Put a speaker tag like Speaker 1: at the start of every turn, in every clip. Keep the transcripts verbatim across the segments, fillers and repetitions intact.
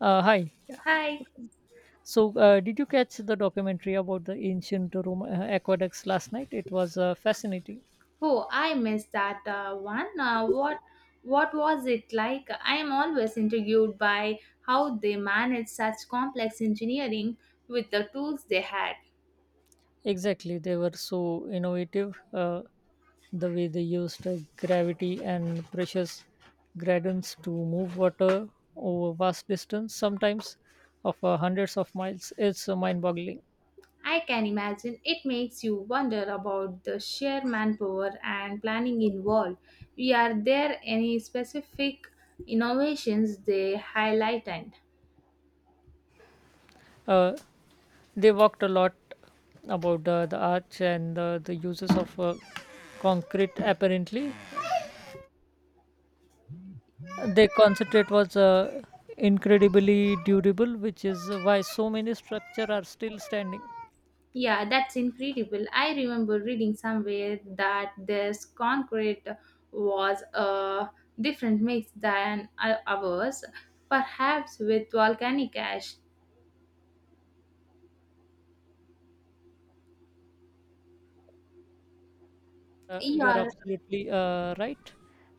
Speaker 1: Uh, hi.
Speaker 2: Hi.
Speaker 1: So, uh, did you catch the documentary about the ancient Rome uh, aqueducts last night? It was uh, fascinating.
Speaker 2: Oh, I missed that uh, one. Uh, what what was it like? I am always intrigued by how they managed such complex engineering with the tools they had.
Speaker 1: Exactly. They were so innovative, uh, the way they used uh, gravity and precious gradients to move water over vast distance, sometimes of uh, hundreds of miles. It's uh, mind boggling.
Speaker 2: I can imagine it makes you wonder about the sheer manpower and planning involved. Are there any specific innovations they highlighted?
Speaker 1: Uh, they walked a lot about uh, the arch and uh, the uses of uh, concrete, apparently. Their concentrate was uh, incredibly durable, which is why so many structures are still standing.
Speaker 2: Yeah, that's incredible. I remember reading somewhere that this concrete was a different mix than o- ours, perhaps with volcanic ash.
Speaker 1: Uh, you're
Speaker 2: Yeah,
Speaker 1: absolutely uh, right.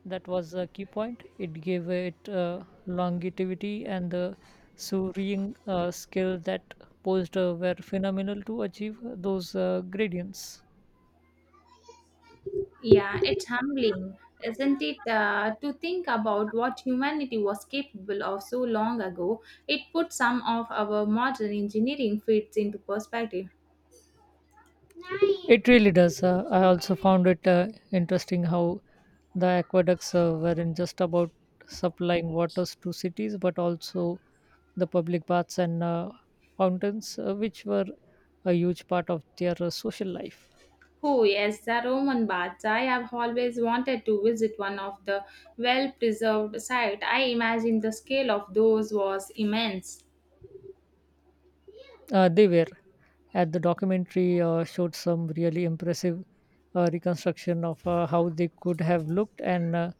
Speaker 1: That was a key point. It gave it uh, longevity, and the surveying uh, skill that posed uh, were phenomenal to achieve those uh, gradients.
Speaker 2: yeah, it's humbling, isn't it, uh, to think about what humanity was capable of so long ago? It puts some of our modern engineering feats into perspective.
Speaker 1: It really does. Uh, I also found it uh, interesting how the aqueducts uh, weren't just about supplying waters to cities, but also the public baths and uh, fountains, uh, which were a huge part of their uh, social life.
Speaker 2: Oh, yes, the Roman baths. I have always wanted to visit one of the well preserved sites. I imagine the scale of those was immense.
Speaker 1: Uh, they were. At the documentary uh, showed some really impressive uh, reconstruction of uh, how they could have looked and uh,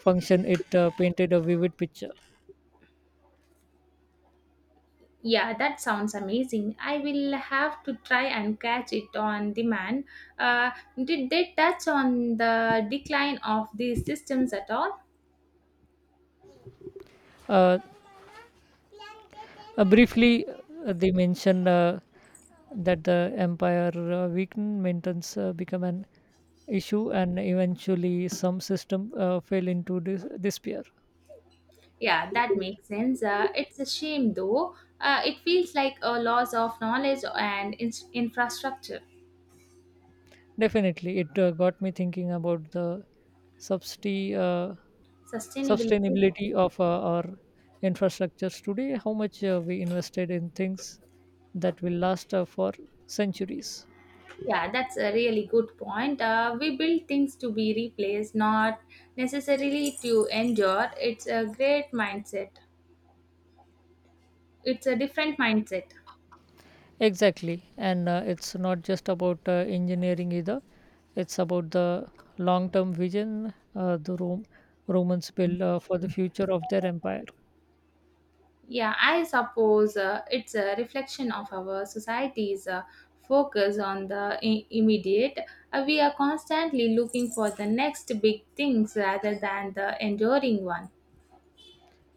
Speaker 1: function. It uh, painted a vivid picture.
Speaker 2: Yeah, that sounds amazing. I will have to try and catch it on demand. Uh, did they touch on the decline of these systems at all?
Speaker 1: Uh, Uh, briefly, uh, they mention uh, that the empire uh, weak maintenance uh, become an issue, and eventually some system uh, fell into dis- despair.
Speaker 2: Yeah, that makes sense. Uh, it's a shame though. Uh, it feels like a loss of knowledge and in- infrastructure.
Speaker 1: Definitely, it uh, got me thinking about the substi- uh,
Speaker 2: Sustainability.
Speaker 1: sustainability of uh, our infrastructures today. How much uh, we invested in things that will last uh, for centuries.
Speaker 2: Yeah, that's a really good point. Uh, we build things to be replaced, not necessarily to endure. It's a great mindset. It's a different mindset.
Speaker 1: Exactly, and uh, it's not just about uh, engineering either. It's about the long-term vision uh, the Rome, Romans built uh, for the future of their empire.
Speaker 2: Yeah, I suppose uh, it's a reflection of our society's uh, focus on the I- immediate. Uh, we are constantly looking for the next big things rather than the enduring one.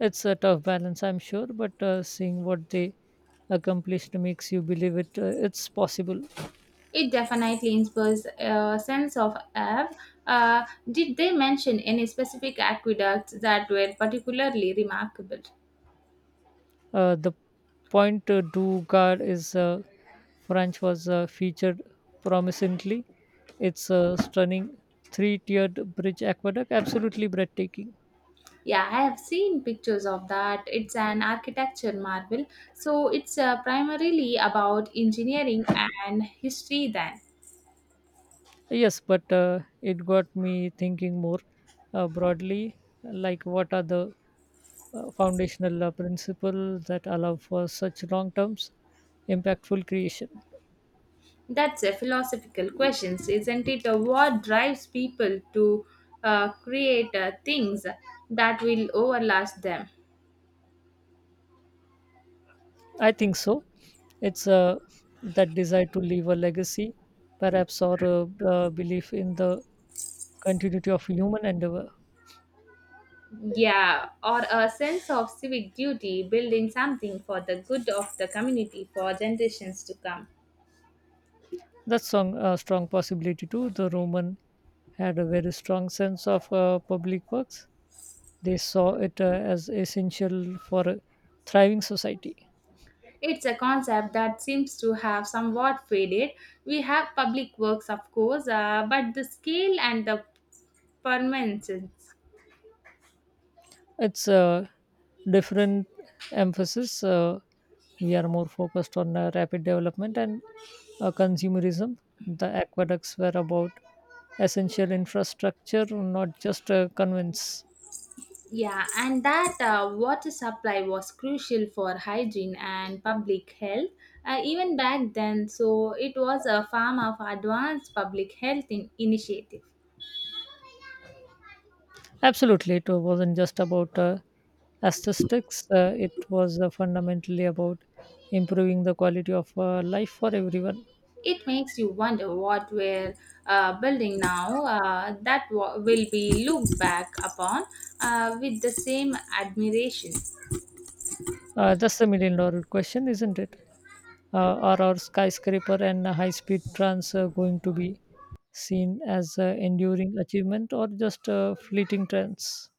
Speaker 1: It's a tough balance, I'm sure, but uh, seeing what they accomplished makes you believe it. Uh, it's possible.
Speaker 2: It definitely inspires a sense of awe. Uh, did they mention any specific aqueducts that were particularly remarkable?
Speaker 1: Uh, The point uh, du Gard is uh, French was uh, featured promisingly. It's a stunning three-tiered bridge aqueduct, absolutely breathtaking.
Speaker 2: Yeah, I have seen pictures of that. It's an architecture marvel. So it's uh, primarily about engineering and history then.
Speaker 1: Yes, but uh, it got me thinking more uh, broadly, like what are the uh, foundational uh, principles that allow for such long-term, impactful creation?
Speaker 2: That's a philosophical question, isn't it? Uh, What drives people to uh, create uh, things that will overlast them?
Speaker 1: I think so. It's uh, that desire to leave a legacy, perhaps, or a, uh belief in the continuity of human endeavor.
Speaker 2: Yeah, or a sense of civic duty, building something for the good of the community for generations to come.
Speaker 1: That's strong, uh, strong possibility too. The Roman had a very strong sense of uh, public works. They saw it uh, as essential for a thriving society.
Speaker 2: It's a concept that seems to have somewhat faded. We have public works, of course, uh, but the scale and the permanence.
Speaker 1: It's a different emphasis. Uh, we are more focused on uh, rapid development and uh, consumerism. The aqueducts were about essential infrastructure, not just uh, convince.
Speaker 2: Yeah, and that uh, water supply was crucial for hygiene and public health uh, even back then. So it was a form of advanced public health in- initiative.
Speaker 1: Absolutely, it wasn't just about uh, aesthetics. Uh, it was uh, fundamentally about improving the quality of uh, life for everyone.
Speaker 2: It makes you wonder what we're uh, building now uh, that wa will be looked back upon uh, with the same admiration.
Speaker 1: Uh, that's the million dollar question, isn't it? Uh, or our skyscraper and high speed trans uh, going to be seen as uh, enduring achievement or just uh, fleeting trends?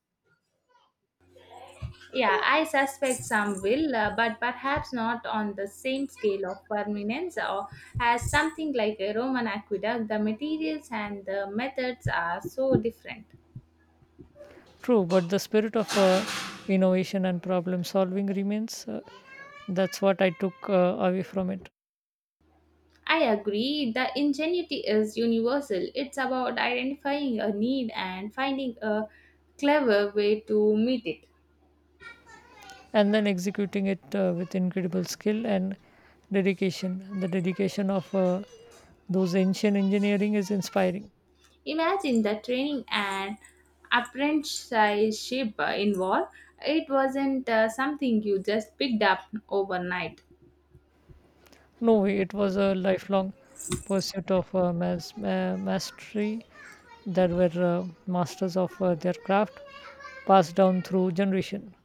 Speaker 2: Yeah, I suspect some will, uh, but perhaps not on the same scale of permanence or as something like a Roman aqueduct. The materials and the methods are so different.
Speaker 1: True, but the spirit of uh, innovation and problem solving remains. Uh, that's what I took uh, away from it.
Speaker 2: I agree. The ingenuity is universal. It's about identifying a need and finding a clever way to meet it.
Speaker 1: And then executing it uh, with incredible skill and dedication. The dedication of uh, those ancient engineering is inspiring.
Speaker 2: Imagine the training and apprenticeship involved. It wasn't uh, something you just picked up overnight.
Speaker 1: No, it was a lifelong pursuit of uh, mas- ma- mastery. That were uh, masters of uh, their craft, passed down through generation.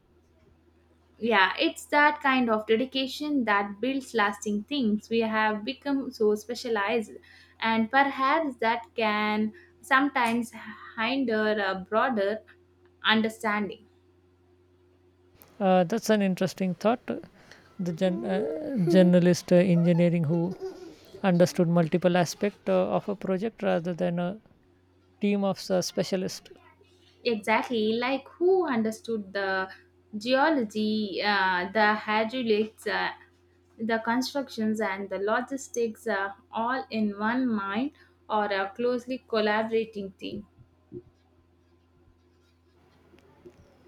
Speaker 2: Yeah, it's that kind of dedication that builds lasting things. We have become so specialized, and perhaps that can sometimes hinder a broader understanding.
Speaker 1: Uh, that's an interesting thought. The gen- uh, journalist uh, engineering who understood multiple aspects uh, of a project rather than a team of uh, specialists.
Speaker 2: Exactly, like who understood the geology, uh, the hydraulics, uh, the constructions and the logistics are all in one mind or a closely collaborating team.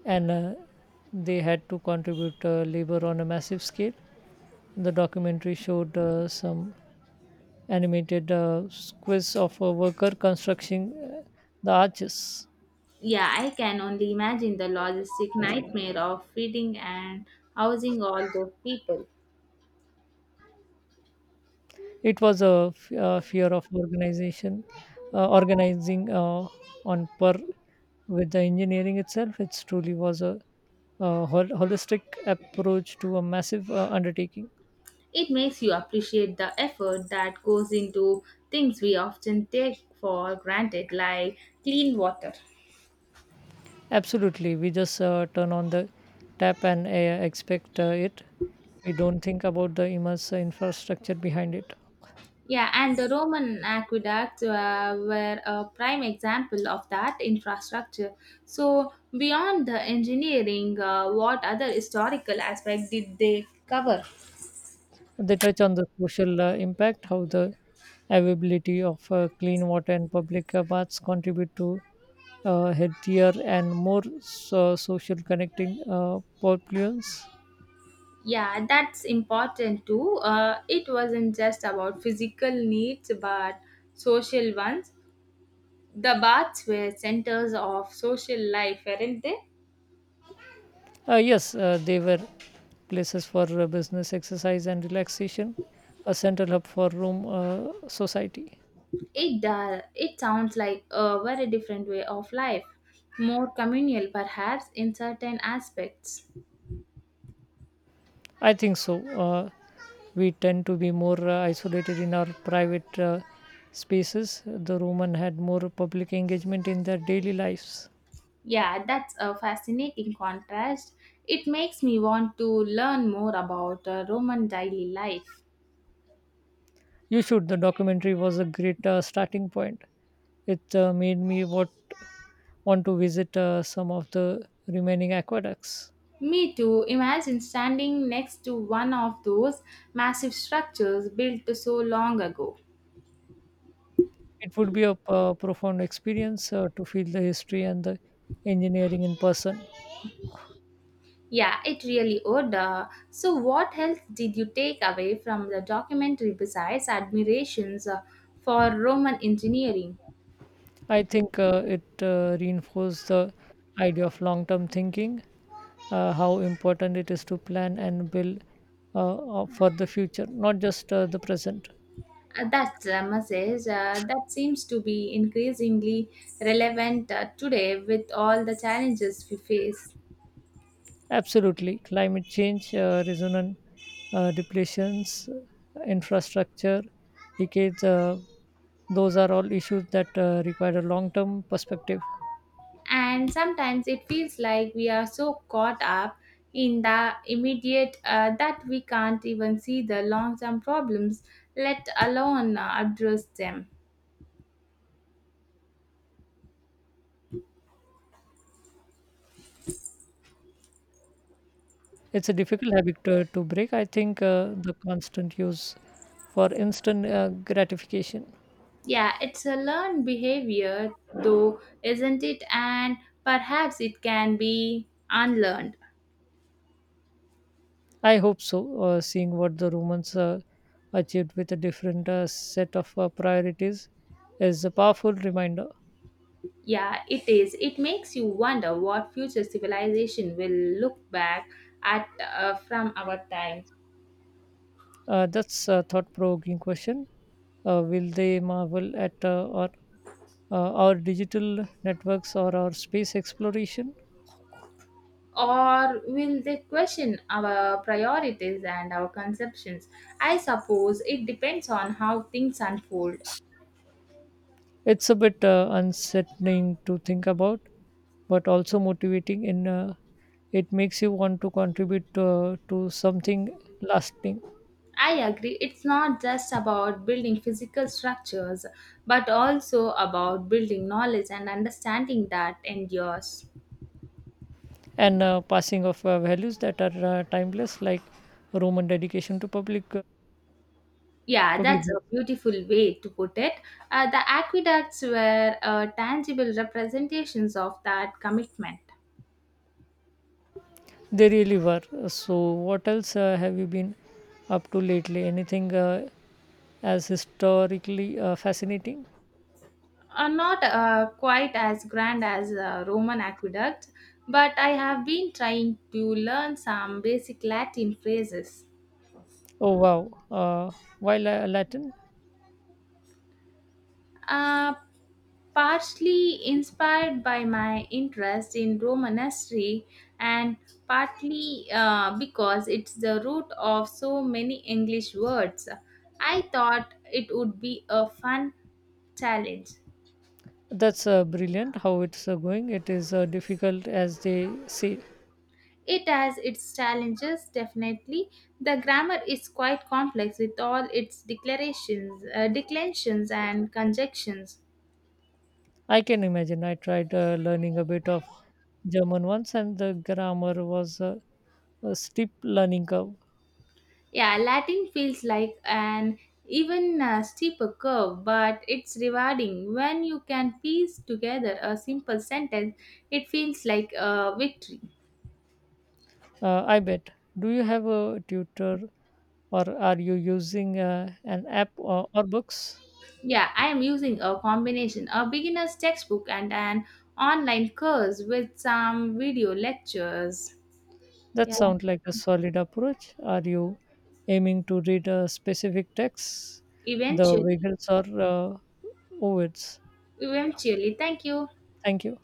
Speaker 1: And uh, they had to contribute uh, labor on a massive scale. The documentary showed uh, some animated uh, squiz of a worker constructing uh, the arches.
Speaker 2: Yeah, I can only imagine the logistic nightmare of feeding and housing all those people.
Speaker 1: It was a f- a fear of organization, uh, organizing uh, on par with the engineering itself. It truly was a, uh hol- holistic approach to a massive uh, undertaking.
Speaker 2: It makes you appreciate the effort that goes into things we often take for granted, like clean water.
Speaker 1: Absolutely, we just uh, turn on the tap and uh, expect uh, it. We don't think about the immense infrastructure behind it.
Speaker 2: Yeah, and the Roman aqueducts uh, were a prime example of that infrastructure. So, beyond the engineering, uh, what other historical aspect did they cover?
Speaker 1: They touch on the social uh, impact, how the availability of uh, clean water and public uh, baths contribute to uh, healthier and more so- social connecting uh, populations.
Speaker 2: Yeah, that's important too. Uh, it wasn't just about physical needs but social ones. The baths were centers of social life, weren't they?
Speaker 1: Uh, yes, uh, they were places for uh, business, exercise, and relaxation, a central hub for room uh, society.
Speaker 2: It does. It sounds like a very different way of life, more communal perhaps in certain aspects.
Speaker 1: I think so. Uh, we tend to be more uh, isolated in our private uh, spaces. The Roman had more public engagement in their daily lives.
Speaker 2: Yeah, that's a fascinating contrast. It makes me want to learn more about uh, Roman daily life.
Speaker 1: You should. The documentary was a great uh, starting point. It uh, made me what want to visit uh, some of the remaining aqueducts.
Speaker 2: Me too. Imagine standing next to one of those massive structures built so long ago.
Speaker 1: It would be a uh, profound experience uh, to feel the history and the engineering in person.
Speaker 2: Yeah, it really would. Uh, so, what else did you take away from the documentary besides admirations uh, for Roman engineering?
Speaker 1: I think uh, it uh, reinforced the idea of long-term thinking, uh, how important it is to plan and build uh, uh, for the future, not just uh, the present.
Speaker 2: Uh, that uh, message uh, that seems to be increasingly relevant uh, today with all the challenges we face.
Speaker 1: Absolutely. Climate change, uh, resonant uh, depletions, uh, infrastructure decades, uh, those are all issues that uh, require a long term perspective.
Speaker 2: And sometimes it feels like we are so caught up in the immediate uh, that we can't even see the long term problems, let alone uh, address them.
Speaker 1: It's a difficult habit to, to break. I think uh, the constant use for instant uh, gratification.
Speaker 2: Yeah, it's a learned behavior though, isn't it? And perhaps it can be unlearned.
Speaker 1: I hope so. Uh, seeing what the Romans uh, achieved with a different uh, set of uh, priorities is a powerful reminder.
Speaker 2: Yeah, it is. It makes you wonder what future civilization will look back at uh, from our time.
Speaker 1: Uh, that's a thought-provoking question. Uh, will they marvel at uh, our, uh, our digital networks or our space exploration?
Speaker 2: Or will they question our priorities and our conceptions? I suppose it depends on how things unfold.
Speaker 1: It's a bit uh, unsettling to think about, but also motivating. In uh, It makes you want to contribute uh, to something lasting,
Speaker 2: I agree, it's not just about building physical structures, but also about building knowledge and understanding that endures.
Speaker 1: and uh, passing of uh, values that are uh, timeless, like Roman dedication to public uh,
Speaker 2: Yeah,
Speaker 1: public.
Speaker 2: that's a beautiful way to put it. Uh, the aqueducts were uh, tangible representations of that commitment.
Speaker 1: They really were. So, what else uh, have you been up to lately? Anything uh, as historically uh, fascinating?
Speaker 2: Are not uh, quite as grand as uh, Roman aqueduct, but I have been trying to learn some basic Latin phrases.
Speaker 1: Oh, wow. Uh, why La- Latin?
Speaker 2: Uh, Partly inspired by my interest in Roman history, and partly uh, because it's the root of so many English words, I thought it would be a fun challenge.
Speaker 1: That's uh, brilliant. How it's uh, going. It is uh, difficult, as they say.
Speaker 2: It has its challenges, definitely. The grammar is quite complex with all its declarations, uh, declensions, and conjunctions.
Speaker 1: I can imagine. I tried uh, learning a bit of German once, and the grammar was uh, a steep learning curve.
Speaker 2: Yeah, Latin feels like an even uh, steeper curve, but it's rewarding. When you can piece together a simple sentence, it feels like a victory.
Speaker 1: Uh, I bet. Do you have a tutor, or are you using uh, an app or, or books?
Speaker 2: Yeah, I am using a combination, a beginner's textbook and an online course with some video lectures.
Speaker 1: That
Speaker 2: Yeah,
Speaker 1: sounds like a solid approach. Are you aiming to read a specific text, the
Speaker 2: eventually.
Speaker 1: Wiggles or uh, Ovids?
Speaker 2: Eventually. Thank you.
Speaker 1: Thank you.